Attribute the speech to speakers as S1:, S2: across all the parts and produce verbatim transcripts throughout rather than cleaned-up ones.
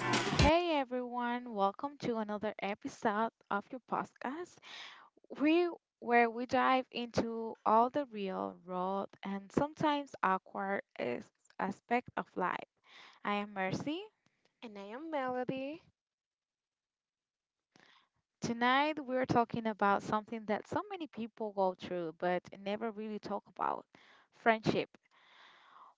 S1: Hey everyone, welcome to another episode of your podcast. We Where we dive into all the real, raw, and sometimes awkward as- aspect of life. I am Mercy.
S2: And I am Melody.
S1: Tonight we're talking about something that so many people go through but never really talk about, friendship.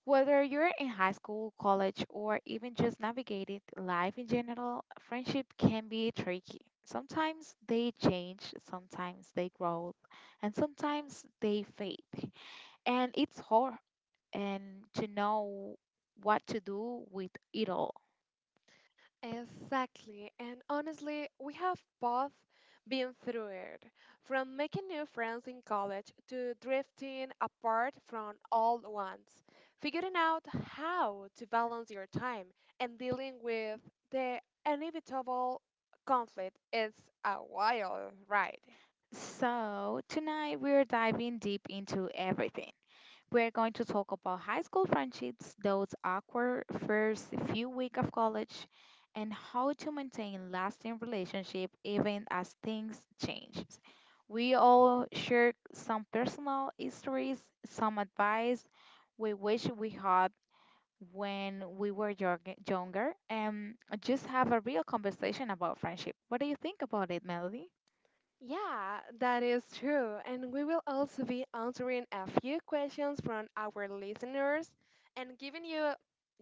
S1: Whether you're in high school, college, or even just navigating life in general, friendship can be tricky. Sometimes they change, sometimes they grow, and sometimes they fade. And it's hard and to know what to do with it all.
S2: Exactly. And honestly, we have both been through it. From making new friends in college to drifting apart from old ones, figuring out how to balance your time and dealing with the inevitable conflict is a wild ride.
S1: So, tonight we're diving deep into everything. We're going to talk about high school friendships, those awkward first few weeks of college, and how to maintain lasting relationship even as things change. We all share some personal histories, some advice we wish we had when we were young- younger, and just have a real conversation about friendship. What do you think about it, Melody?
S2: Yeah, that is true. And we will also be answering a few questions from our listeners and giving you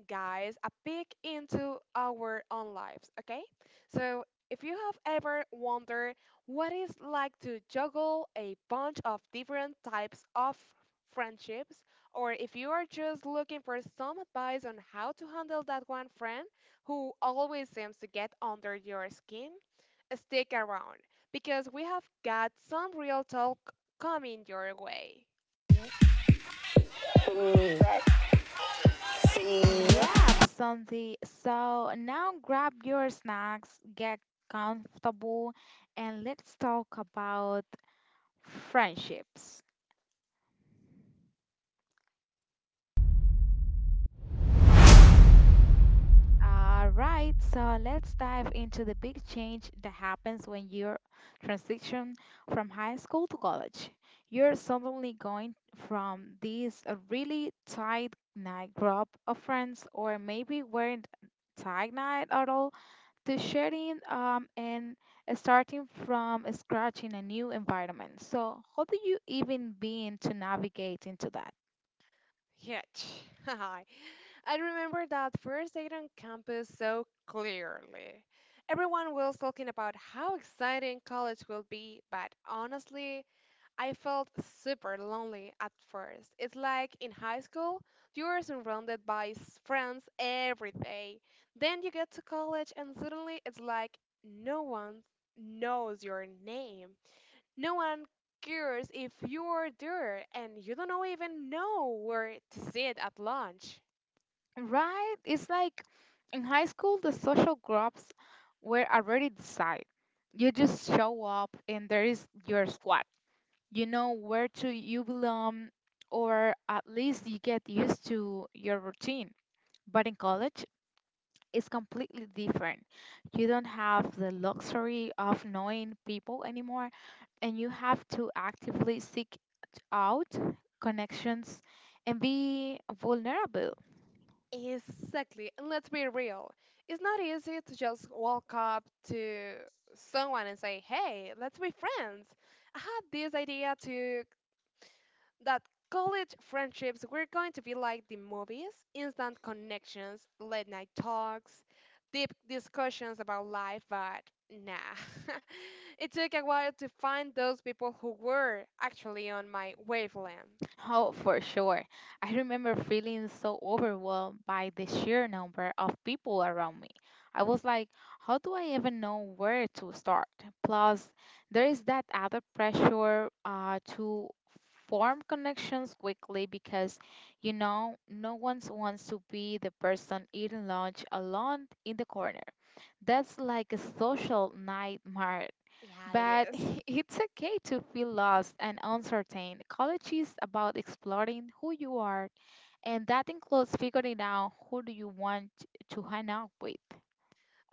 S2: guys, a peek into our own lives, okay? So, if you have ever wondered what it's like to juggle a bunch of different types of friendships, or if you are just looking for some advice on how to handle that one friend who always seems to get under your skin, stick around because we have got some real talk coming your way.
S1: Yeah, absolutely. So now grab your snacks, get comfortable, and let's talk about friendships. All right, so let's dive into the big change that happens when you transition from high school to college. You're suddenly going from this uh, really tight knit group of friends, or maybe weren't tight knit at all to sharing um, and starting from scratch in a new environment. So, how do you even begin to navigate into that?
S2: Yet, hi. I remember that first date on campus so clearly. Everyone was talking about how exciting college will be, but honestly, I felt super lonely at first. It's like in high school, you are surrounded by s- friends every day. Then you get to college, and suddenly it's like no one knows your name. No one cares if you're there and you don't know even know where to sit at lunch.
S1: Right? It's like in high school, the social groups were already decided. You just show up, and there is your squad. You know where to you belong, or at least you get used to your routine. But in college, is completely different. You don't have the luxury of knowing people anymore, and you have to actively seek out connections and be vulnerable.
S2: Exactly. And let's be real. It's not easy to just walk up to someone and say, hey, let's be friends. I had this idea to that college friendships were going to be like the movies instant connections, late night talks, deep discussions about life, but nah. It took a while to find those people who were actually on my wavelength.
S1: Oh, for sure. I remember feeling so overwhelmed by the sheer number of people around me. I was like, how do I even know where to start? Plus, there is that other pressure uh, to form connections quickly because, you know, no one wants to be the person eating lunch alone in the corner. That's like a social nightmare,
S2: Yeah, it
S1: but
S2: is.
S1: it's okay to feel lost and uncertain. College is about exploring who you are, and that includes figuring out who do you want to hang out with.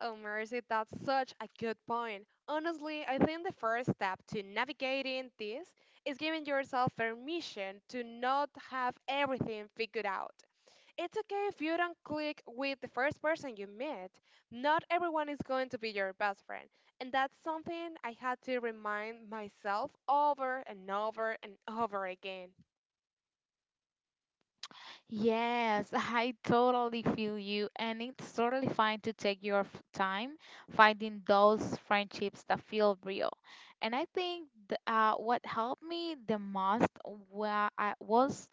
S2: Oh, Mercy, that's such a good point. Honestly, I think the first step to navigating this is giving yourself permission to not have everything figured out. It's okay if you don't click with the first person you meet. Not everyone is going to be your best friend. And that's something I had to remind myself over and over and over again.
S1: Yes, I totally feel you, and it's totally fine to take your f- time finding those friendships that feel real. And I think th- uh, what helped me the most wa- I- was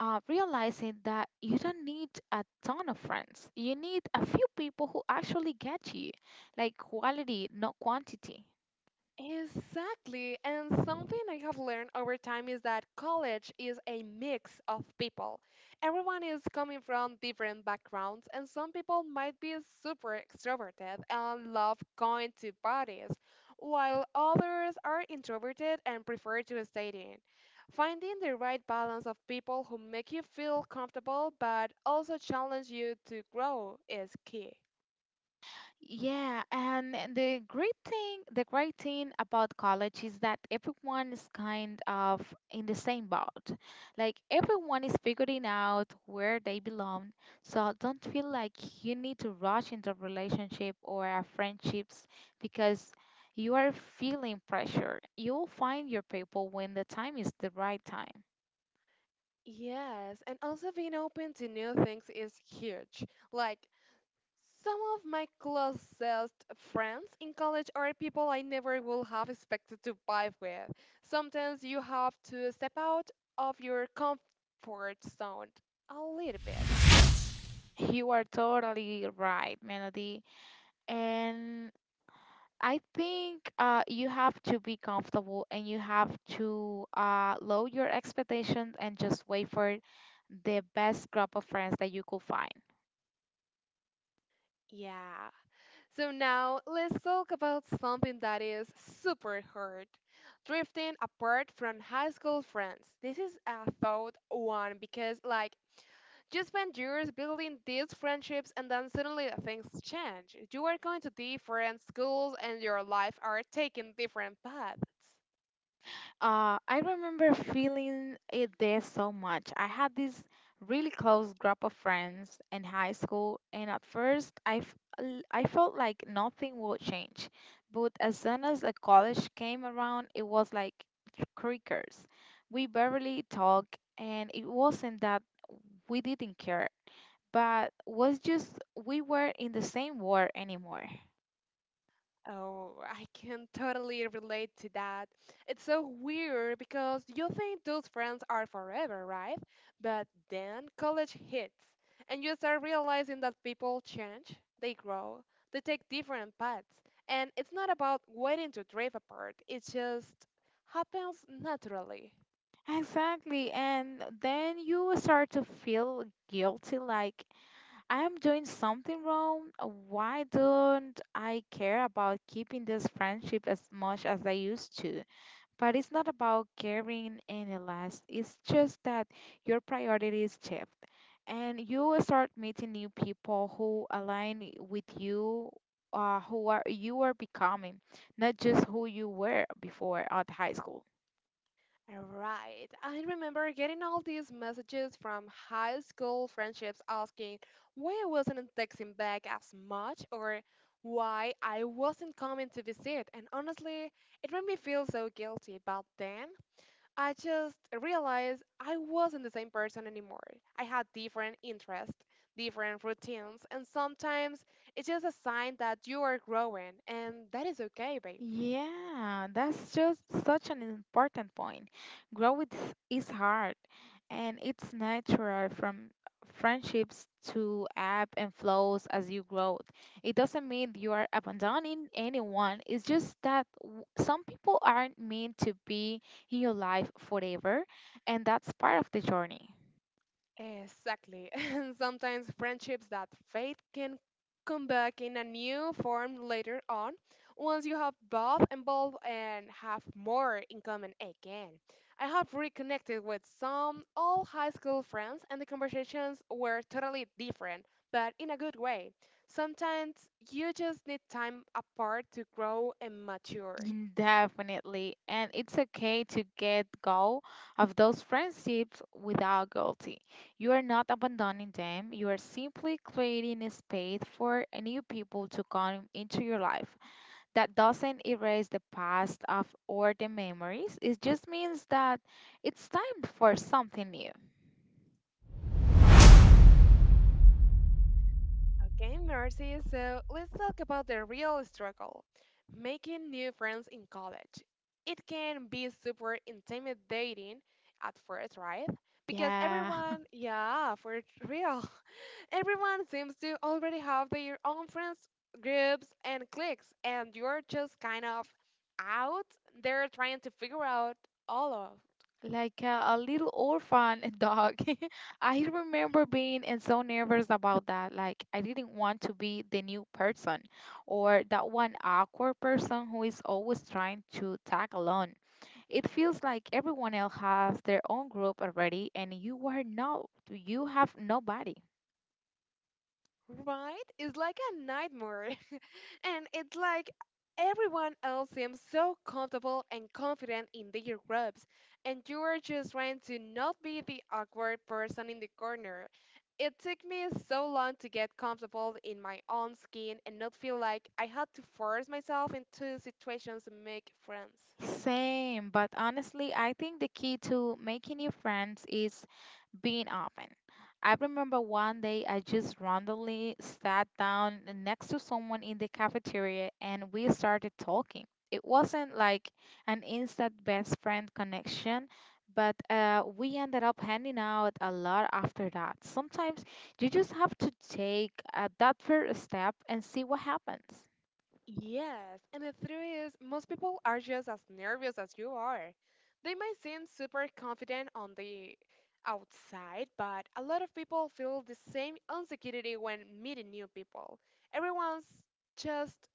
S1: uh, realizing that you don't need a ton of friends. You need a few people who actually get you, like quality, not quantity.
S2: Exactly. And something I have learned over time is that college is a mix of people. Everyone is coming from different backgrounds, and some people might be super extroverted and love going to parties, while others are introverted and prefer to stay in. Finding the right balance of people who make you feel comfortable but also challenge you to grow is key.
S1: Yeah, and the great thing, the great thing about college is that everyone is kind of in the same boat. Like everyone is figuring out where they belong. So don't feel like you need to rush into relationship or uh, friendships because you are feeling pressure. You'll find your people when the time is the right time.
S2: Yes, and also being open to new things is huge. Like, some of my closest friends in college are people I never would have expected to vibe with. Sometimes you have to step out of your comfort zone a little bit.
S1: You are totally right, Melody. And I think uh, you have to be comfortable and you have to uh, lower your expectations and just wait for the best group of friends that you could find.
S2: Yeah. So now let's talk about something that is super hard. Drifting apart from high school friends. This is a thought one because like, you spend years building these friendships and then suddenly things change. You are going to different schools and your life are taking different paths.
S1: Uh, I remember feeling it there so much. I had this really close group of friends in high school, and at first I, f- l- I felt like nothing would change. But as soon as a college came around, it was like crickers. We barely talked, and it wasn't that we didn't care, but was just we were in the same war anymore.
S2: Oh, I can totally relate to that. It's so weird because you think those friends are forever, right? But then college hits and you start realizing that people change, they grow, they take different paths. And it's not about waiting to drift apart, it just happens naturally.
S1: Exactly, and then you start to feel guilty like I'm doing something wrong. Uh, Why don't I care about keeping this friendship as much as I used to? But it's not about caring any less. It's just that your priorities shift and you will start meeting new people who align with you, uh, who are you are becoming, not just who you were before at high school.
S2: Right. I remember getting all these messages from high school friendships asking why I wasn't texting back as much or why I wasn't coming to visit. And honestly, it made me feel so guilty. But then I just realized I wasn't the same person anymore. I had different interests, different routines, and sometimes it's just a sign that you are growing, and that is okay, babe.
S1: Yeah, that's just such an important point. Growth is hard and it's natural from friendships to ebb and flows as you grow. It doesn't mean you are abandoning anyone, it's just that w- some people aren't meant to be in your life forever, and that's part of the journey.
S2: Exactly. And sometimes friendships that fade can come back in a new form later on once you have both involved and have more in common again. I have reconnected with some old high school friends, and the conversations were totally different, but in a good way. Sometimes you just need time apart to grow and mature.
S1: Mm, definitely. And it's okay to get go of those friendships without guilty. You are not abandoning them. You are simply creating a space for new people to come into your life. That doesn't erase the past of or the memories. It just means that it's time for something new.
S2: Okay, Mercy, so let's talk about the real struggle making new friends in college. It can be super intimidating at first, right? Because
S1: Yeah.
S2: everyone, yeah, for real, everyone seems to already have their own friends groups and cliques, and you're just kind of out there trying to figure out all of.
S1: Like a, a little orphan dog. I remember being and so nervous about that. Like I didn't want to be the new person or that one awkward person who is always trying to tag along. It feels like everyone else has their own group already and you are no you have nobody.
S2: Right? It's like a nightmare. And it's like everyone else seems so comfortable and confident in their robes, and you are just trying to not be the awkward person in the corner. It took me so long to get comfortable in my own skin and not feel like I had to force myself into situations to make friends.
S1: Same, but honestly, I think the key to making new friends is being open. I remember one day I just randomly sat down next to someone in the cafeteria and we started talking. It wasn't like an instant best friend connection, but uh, we ended up hanging out a lot after that. Sometimes you just have to take uh, that first step and see what happens.
S2: Yes, and the truth is, most people are just as nervous as you are. They might seem super confident on the outside, but a lot of people feel the same insecurity when meeting new people. Everyone's just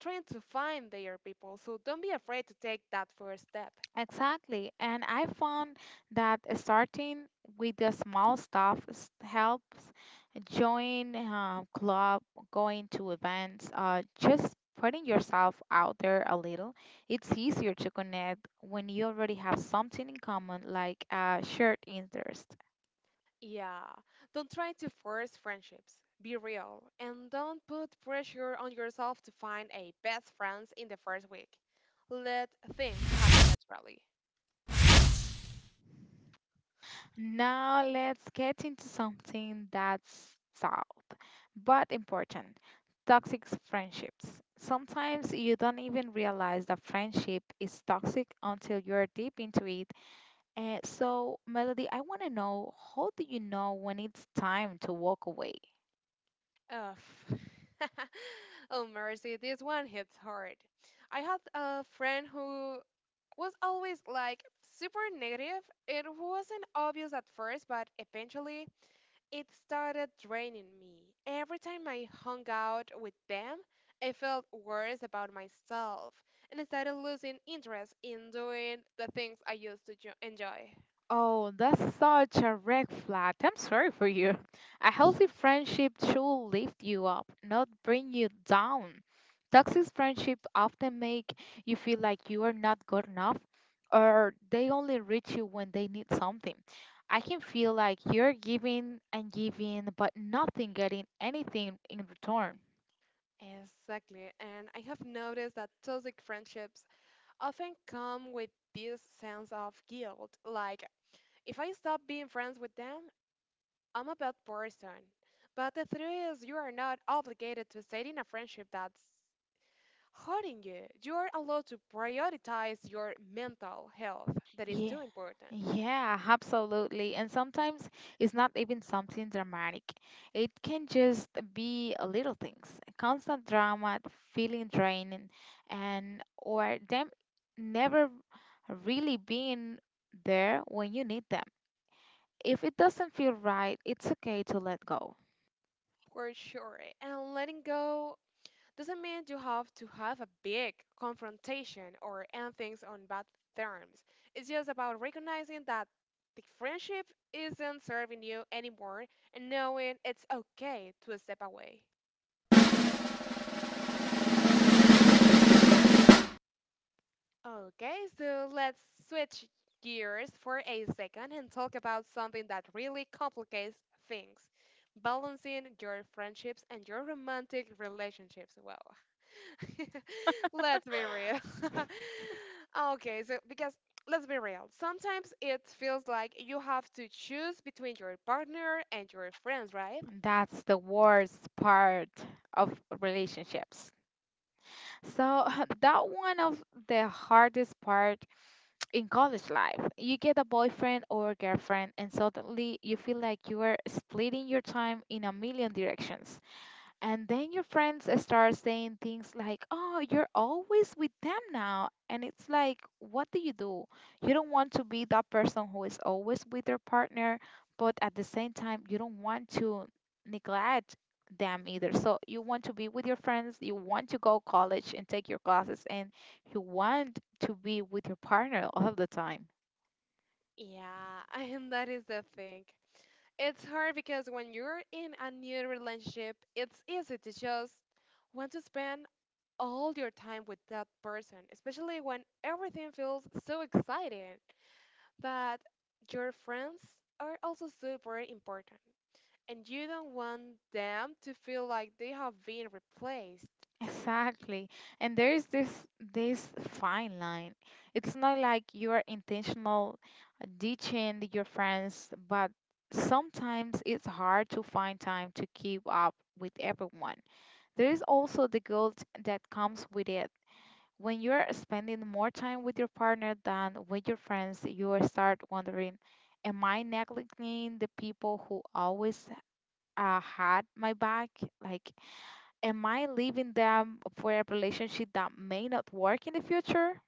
S2: trying to find their people, so don't be afraid to take that first step.
S1: Exactly. And I found that starting with the small stuff s- helps join a club, going to events, uh, just putting yourself out there a little. It's easier to connect when you already have something in common, like a shared interest.
S2: Yeah, don't try to force friendships. Be real, and don't put pressure on yourself to find a best friends in the first week. Let things happen naturally.
S1: Now let's get into something that's sad but important, toxic friendships. Sometimes you don't even realize that friendship is toxic until you're deep into it. And so, Melody, I want to know how do you know when it's time to walk away?
S2: Ugh. Oh Mercy, this one hits hard. I had a friend who was always like super negative. It wasn't obvious at first, but eventually it started draining me. Every time I hung out with them, I felt worse about myself and I started losing interest in doing the things I used to jo- enjoy.
S1: Oh, that's such a red flag. I'm sorry for you. A healthy friendship should lift you up, not bring you down. Toxic friendships often make you feel like you are not good enough, or they only reach you when they need something. I can feel like you're giving and giving, but nothing getting anything in return.
S2: Exactly, and I have noticed that toxic friendships often come with this sense of guilt, like, if I stop being friends with them, I'm a bad person. But the truth is, you are not obligated to stay in a friendship that's hurting you. You are allowed to prioritize your mental health, that is
S1: Yeah,
S2: too important,
S1: yeah, absolutely. And sometimes it's not even something dramatic. It can just be a little things, constant drama, feeling draining, and or them never really being there when you need them. If it doesn't feel right, it's okay to let go.
S2: for sure. And letting go doesn't mean you have to have a big confrontation or end things on bad terms. It's just about recognizing that the friendship isn't serving you anymore and knowing it's okay to step away. Okay, so let's switch gears for a second and talk about something that really complicates things balancing your friendships and your romantic relationships. Wow. Let's be real. Okay, so because let's be real, sometimes it feels like you have to choose between your partner and your friends, right?
S1: That's the worst part of relationships. So that one of the hardest part in college life. You get a boyfriend or girlfriend, and suddenly you feel like you are splitting your time in a million directions. And then your friends start saying things like, "Oh, you're always with them now." And it's like, what do you do? You don't want to be that person who is always with their partner, but at the same time, you don't want to neglect them either. So you want to be with your friends, you want to go college and take your classes, and you want to be with your partner all of the time.
S2: Yeah, and that is the thing. It's hard because when you're in a new relationship, it's easy to just want to spend all your time with that person, especially when everything feels so exciting. But your friends are also super important. And you don't want them to feel like they have been replaced.
S1: Exactly. And there is this this fine line. It's not like you are intentional uh, ditching your friends, but sometimes it's hard to find time to keep up with everyone. There is also the guilt that comes with it. When you're spending more time with your partner than with your friends, you start wondering, am I neglecting the people who always uh, had my back? Like am I leaving them for a relationship that may not work in the future?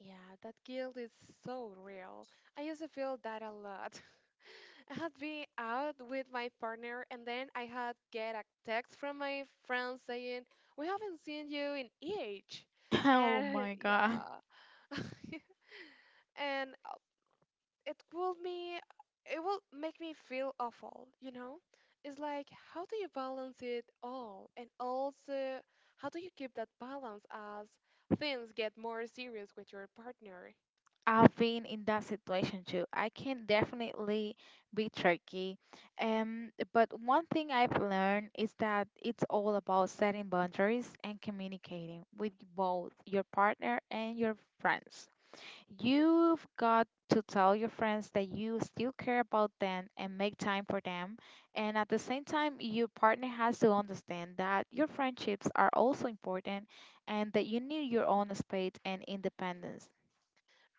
S2: Yeah, that guilt is so real. I used to feel that a lot. I had been out with my partner and then I had get a text from my friend saying, "We haven't seen you in age."
S1: Oh
S2: And
S1: my God.
S2: yeah. And it will me it will make me feel awful, you know? It's like how do you balance it all? And also how do you keep that balance as things get more serious with your partner?
S1: I've been in that situation too. I can definitely be tricky. Um, but one thing I've learned is that it's all about setting boundaries and communicating with both your partner and your friends. You've got to tell your friends that you still care about them and make time for them. And at the same time, your partner has to understand that your friendships are also important and that you need your own space and independence.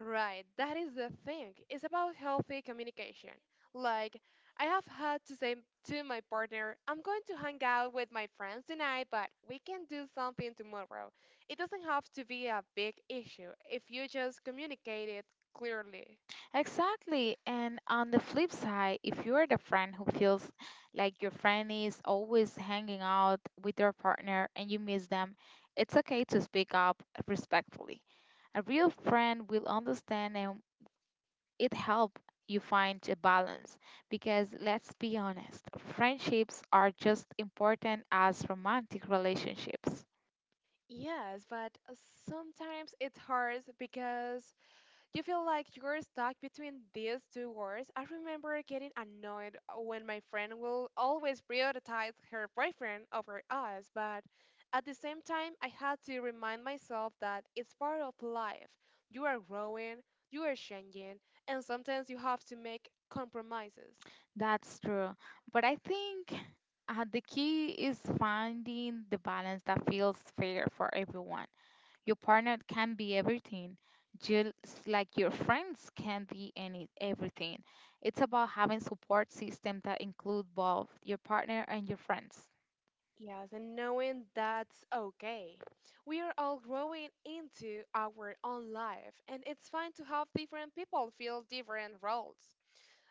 S2: Right, that is the thing. It's about healthy communication. Like, I have had to say to my partner, I'm going to hang out with my friends tonight, but we can do something tomorrow. It doesn't have to be a big issue if you just communicate it clearly.
S1: Exactly. And on the flip side, if you're the friend who feels like your friend is always hanging out with their partner and you miss them, it's okay to speak up respectfully. A real friend will understand and it help you find a balance, because let's be honest, friendships are just important as romantic relationships.
S2: Yes, but uh, sometimes it's hard because you feel like you're stuck between these two words. I remember getting annoyed uh, when my friend will always prioritize her boyfriend over us, but at the same time, I had to remind myself that it's part of life. You are growing, you are changing, and sometimes you have to make compromises.
S1: That's true, but I think uh, the key is finding the balance that feels fair for everyone. Your partner can be everything, just like your friends can be any everything. It's about having support system that include both your partner and your friends.
S2: Yes, and knowing that's okay. We are all growing into our own life, and it's fine to have different people fill different roles.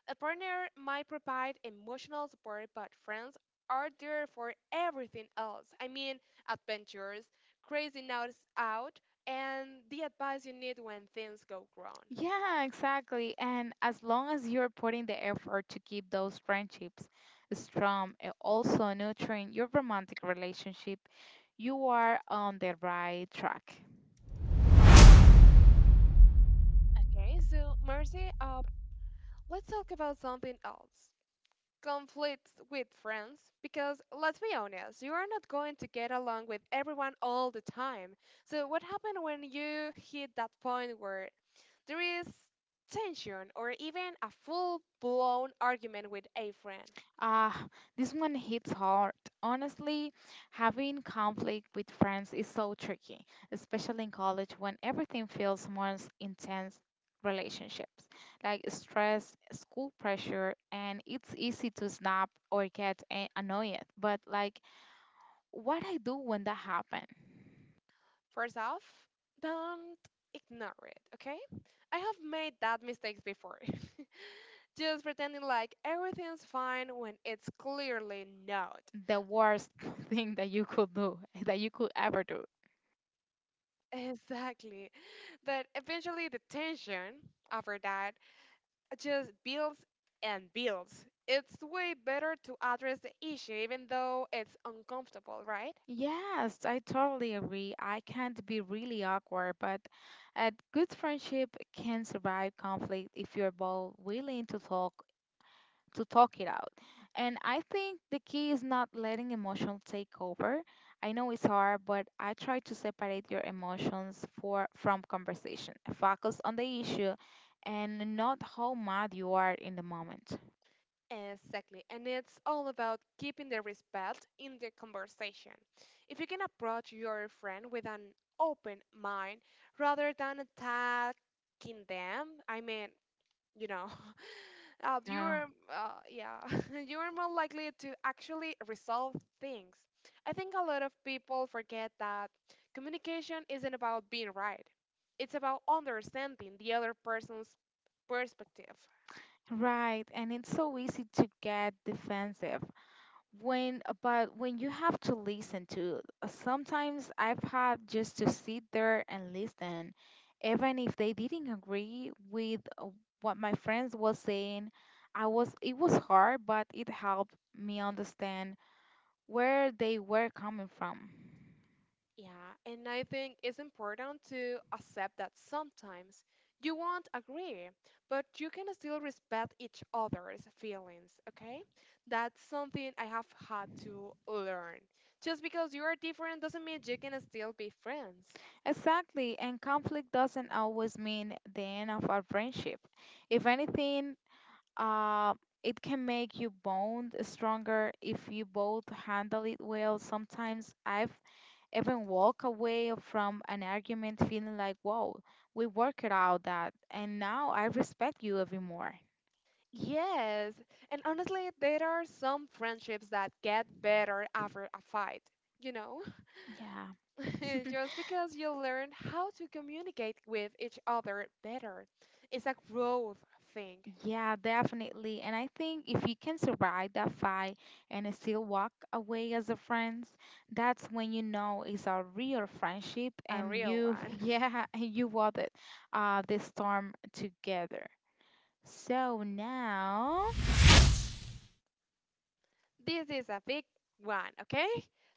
S2: A partner might provide emotional support, but friends are there for everything else. I mean, adventures, crazy nights out, and the advice you need when things go wrong.
S1: Yeah, exactly. And as long as you're putting the effort to keep those friendships strong and also nurturing your romantic relationship, you are on the right track.
S2: Okay, so Mercy, uh, let's talk about something else. Conflicts with friends, because let's be honest, you are not going to get along with everyone all the time. So what happened when you hit that point where there is tension or even a full-blown argument with a friend?
S1: Ah, this one hits hard. Honestly, having conflict with friends is so tricky, especially in college when everything feels more intense relationships like stress, school pressure, and it's easy to snap or get a- annoyed. But like what I do when that happened.
S2: First off, don't ignore it, okay? I have made that mistakes before, just pretending like everything's fine when it's clearly not.
S1: The worst thing that you could do, that you could ever do.
S2: Exactly. But eventually, the tension after that just builds and builds. It's way better to address the issue, even though it's uncomfortable, right?
S1: Yes, I totally agree. I can't be really awkward, but a good friendship can survive conflict if you're both willing to talk to talk it out. And I think the key is not letting emotions take over. I know it's hard, but I try to separate your emotions for from conversation. Focus on the issue and not how mad you are in the moment.
S2: Exactly. And it's all about keeping the respect in the conversation. If you can approach your friend with an open mind rather than attacking them, I mean, you know, uh, you
S1: Yeah,
S2: are, uh, yeah, you are more likely to actually resolve things. I think a lot of people forget that communication isn't about being right. It's about understanding the other person's perspective.
S1: right. And it's so easy to get defensive when but when you have to listen to uh, sometimes I've had just to sit there and listen, even if they didn't agree with uh, what my friends was saying, I was it was hard, but it helped me understand where they were coming from.
S2: Yeah, and I think it's important to accept that sometimes you won't agree, but you can still respect each other's feelings, okay? That's something I have had to learn. Just because you are different doesn't mean you can still be friends.
S1: Exactly, and conflict doesn't always mean the end of our friendship. If anything, uh, it can make you bond stronger if you both handle it well. Sometimes I've even walk away from an argument feeling like, "Whoa, we worked it out that, and now I respect you even more."
S2: Yes, and honestly, there are some friendships that get better after a fight, you know?
S1: Yeah.
S2: Just because you learn how to communicate with each other better. It's a growth thing,
S1: Yeah, definitely. And I think if you can survive that fight and still walk away as a friends, that's when you know it's a real friendship
S2: a
S1: and
S2: real
S1: you,
S2: one.
S1: yeah, and you weathered uh, the storm together. So now,
S2: This is a big one, okay?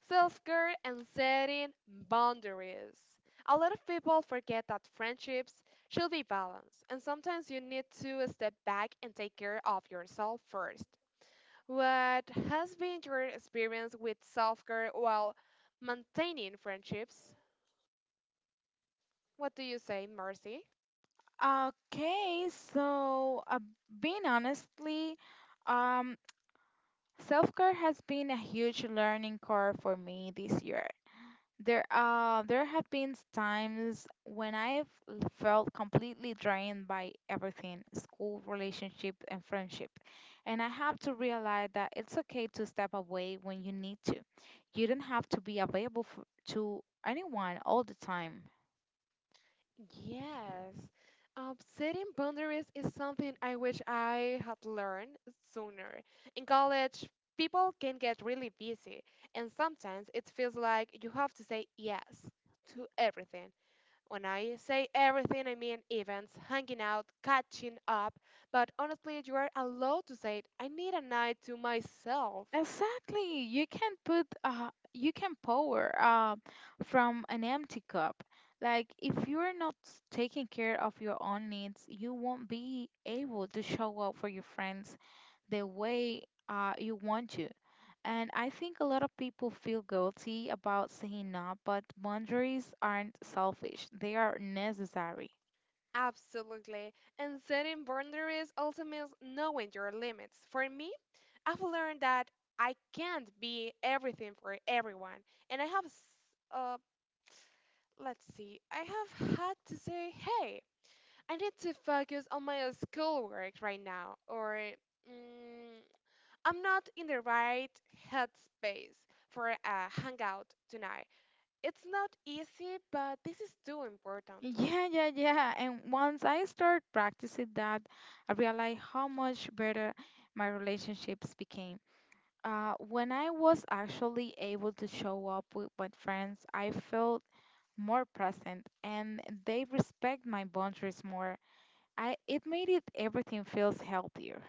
S2: Self care and setting boundaries. A lot of people forget that friendships should be balanced, and sometimes you need to step back and take care of yourself first. What has been your experience with self care while maintaining friendships? What do you say, Mercy?
S1: okay, so uh, being honestly, um, self care has been a huge learning curve for me this year. There, uh, there have been times when I've l- felt completely drained by everything, school, relationship, and friendship, and I have to realize that it's okay to step away when you need to. You don't have to be available for, to anyone all the time.
S2: Yes. Um, setting boundaries is something I wish I had learned sooner. In college, people can get really busy, and sometimes it feels like you have to say yes to everything. When I say everything, I mean events, hanging out, catching up, but honestly, you are allowed to say, it. I need a night to myself.
S1: Exactly. You can put uh you can pour uh, from an empty cup. Like if you're not s- taking care of your own needs, you won't be able to show up for your friends the way uh you want to. And I think a lot of people feel guilty about saying no, but boundaries aren't selfish. They are necessary.
S2: Absolutely. And setting boundaries also means knowing your limits. For me, I've learned that I can't be everything for everyone. And I have, s- uh, let's see, I have had to say, hey, I need to focus on my schoolwork right now. Or, mm, I'm not in the right headspace for a hangout tonight. It's not easy, but this is too important.
S1: Yeah, yeah, yeah. And once I start practicing that, I realized how much better my relationships became. Uh, when I was actually able to show up with my friends, I felt more present and they respect my boundaries more. I it made it everything feels healthier.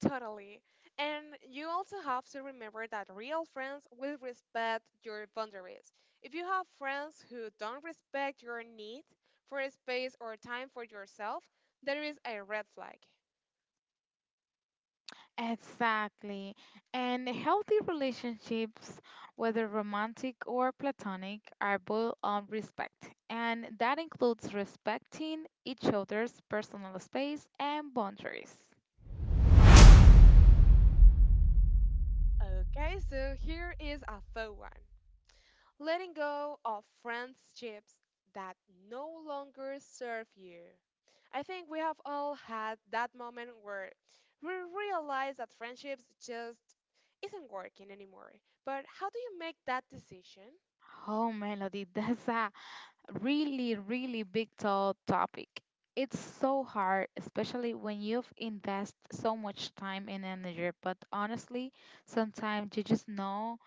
S2: Totally. And you also have to remember that real friends will respect your boundaries. If you have friends who don't respect your need for space or time for yourself, there is a red flag.
S1: Exactly. And healthy relationships, whether romantic or platonic, are built on respect. And that includes respecting each other's personal space and boundaries.
S2: Okay, so here is a fun one. Letting go of friendships that no longer serve you. I think we have all had that moment where we realize that friendships just isn't working anymore. But how do you make that decision?
S1: Oh, Melody, that's a really, really big, tall topic. It's so hard, especially when you've invested so much time and energy. But honestly, sometimes you just know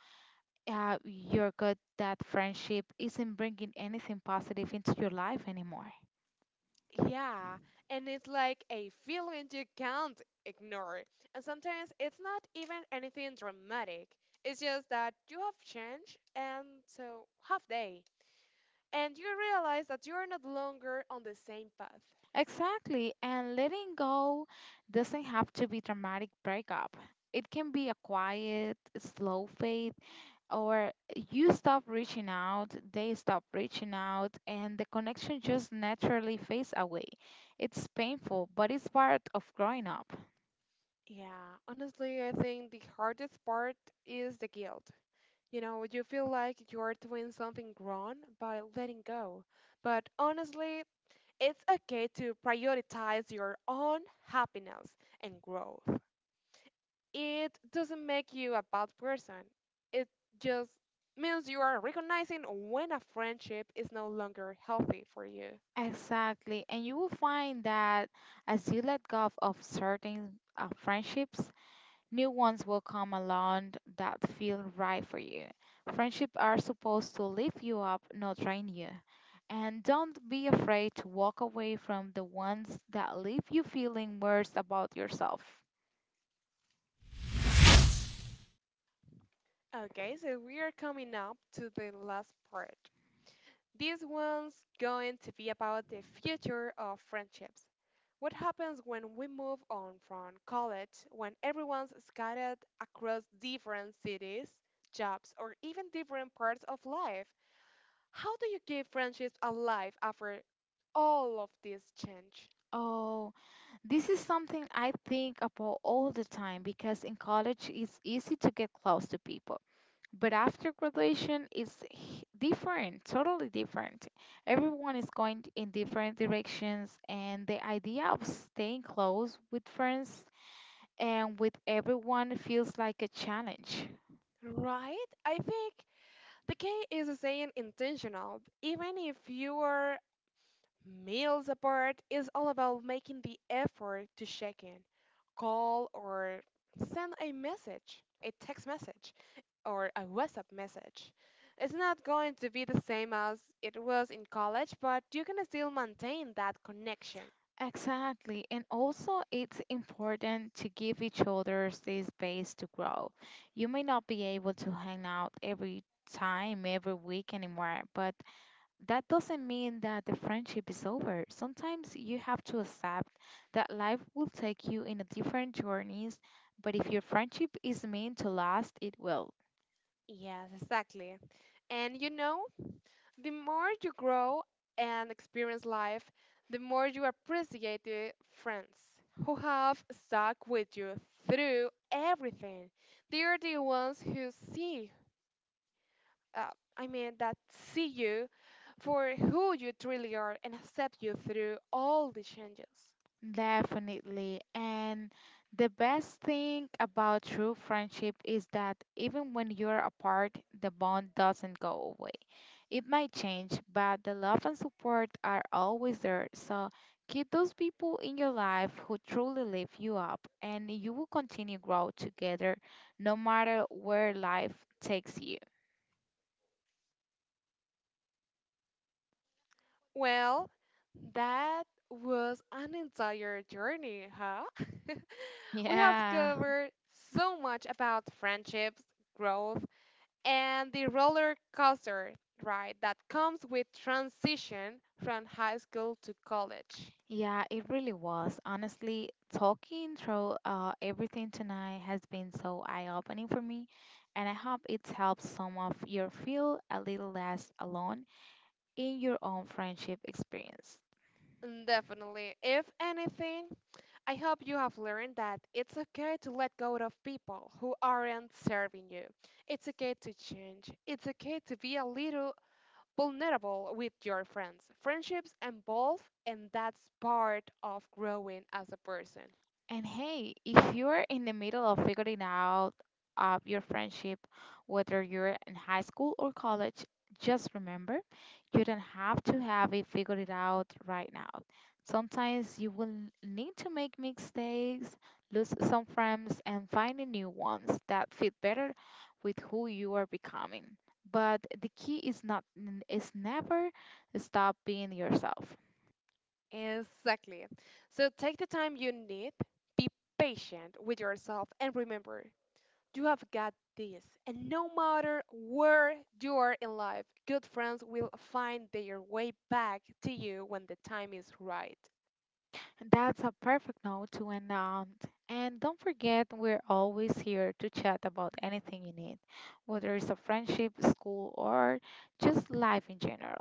S1: uh, you're good that friendship isn't bringing anything positive into your life anymore.
S2: Yeah, and it's like a feeling you can't ignore. And sometimes it's not even anything dramatic. It's just that you have changed, and so have they. And you realize that you are no longer on the same path.
S1: Exactly, and letting go doesn't have to be dramatic breakup. It can be a quiet, slow fade, or you stop reaching out, they stop reaching out, and the connection just naturally fades away. It's painful, but it's part of growing up.
S2: Yeah, honestly, I think the hardest part is the guilt. You know, you feel like you're doing something wrong by letting go. But honestly, it's okay to prioritize your own happiness and growth. It doesn't make you a bad person. It just means you are recognizing when a friendship is no longer healthy for you.
S1: Exactly, and you will find that as you let go of certain uh, friendships, new ones will come along that feel right for you. Friendships are supposed to lift you up, not drain you. And don't be afraid to walk away from the ones that leave you feeling worse about yourself.
S2: Okay, so we are coming up to the last part. This one's going to be about the future of friendships. What happens when we move on from college, when everyone's scattered across different cities, jobs, or even different parts of life? How do you keep friendships alive after all of this change?
S1: Oh, this is something I think about all the time because in college it's easy to get close to people. But after graduation is h- different, totally different. Everyone is going in different directions, and the idea of staying close with friends and with everyone feels like a challenge.
S2: Right? I think the key is staying intentional. Even if you are Meals apart is all about making the effort to check in, call or send a message, a text message, or a WhatsApp message. It's not going to be the same as it was in college, but you can still maintain that connection.
S1: Exactly. And also, it's important to give each other the space to grow. You may not be able to hang out every time, every week anymore, but that doesn't mean that the friendship is over. Sometimes you have to accept that life will take you in a different journeys, but if your friendship is meant to last, it will.
S2: Yes, exactly. And you know, the more you grow and experience life, the more you appreciate the friends who have stuck with you through everything. They are the ones who see, uh, I mean, that see you for who you truly are and accept you through all the changes.
S1: Definitely. And the best thing about true friendship is that even when you're apart, the bond doesn't go away. It might change, but the love and support are always there. So keep those people in your life who truly lift you up, and you will continue grow together no matter where life takes you.
S2: Well, that was an entire journey, huh? We have
S1: Yeah.
S2: covered so much about friendships, growth, and the roller coaster ride that comes with transition from high school to college.
S1: Yeah, it really was. Honestly, talking through uh, everything tonight has been so eye-opening for me, and I hope it's helped some of you feel a little less alone in your own friendship experience.
S2: Mm, definitely. If anything, I hope you have learned that it's okay to let go of people who aren't serving you. It's okay to change. It's okay to be a little vulnerable with your friends. Friendships evolve, and that's part of growing as a person.
S1: And hey, if you're in the middle of figuring out uh, your friendship, whether you're in high school or college, just remember you don't have to have it figured out right now. Sometimes you will need to make mistakes, lose some friends, and find the new ones that fit better with who you are becoming. But the key is not is never stop being yourself.
S2: Exactly. So take the time you need, be patient with yourself, and remember, you have got this. And no matter where you are in life, good friends will find their way back to you when the time is right.
S1: That's a perfect note to end on. And don't forget, we're always here to chat about anything you need, whether it's a friendship, school, or just life in general.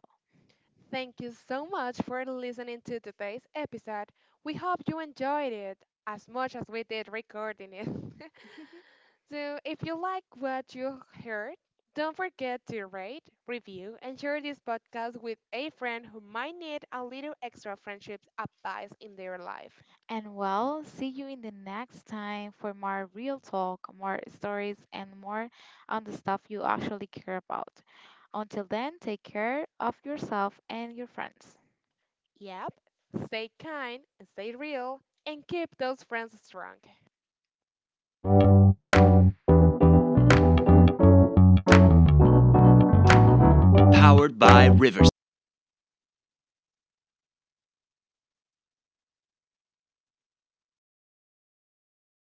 S2: Thank you so much for listening to today's episode. We hope you enjoyed it as much as we did recording it. So, if you like what you heard, don't forget to rate, review, and share this podcast with a friend who might need a little extra friendship advice in their life.
S1: And well, see you in the next time for more real talk, more stories, and more on the stuff you actually care about. Until then, take care of yourself and your friends.
S2: Yep, stay kind, stay real, and keep those friends strong.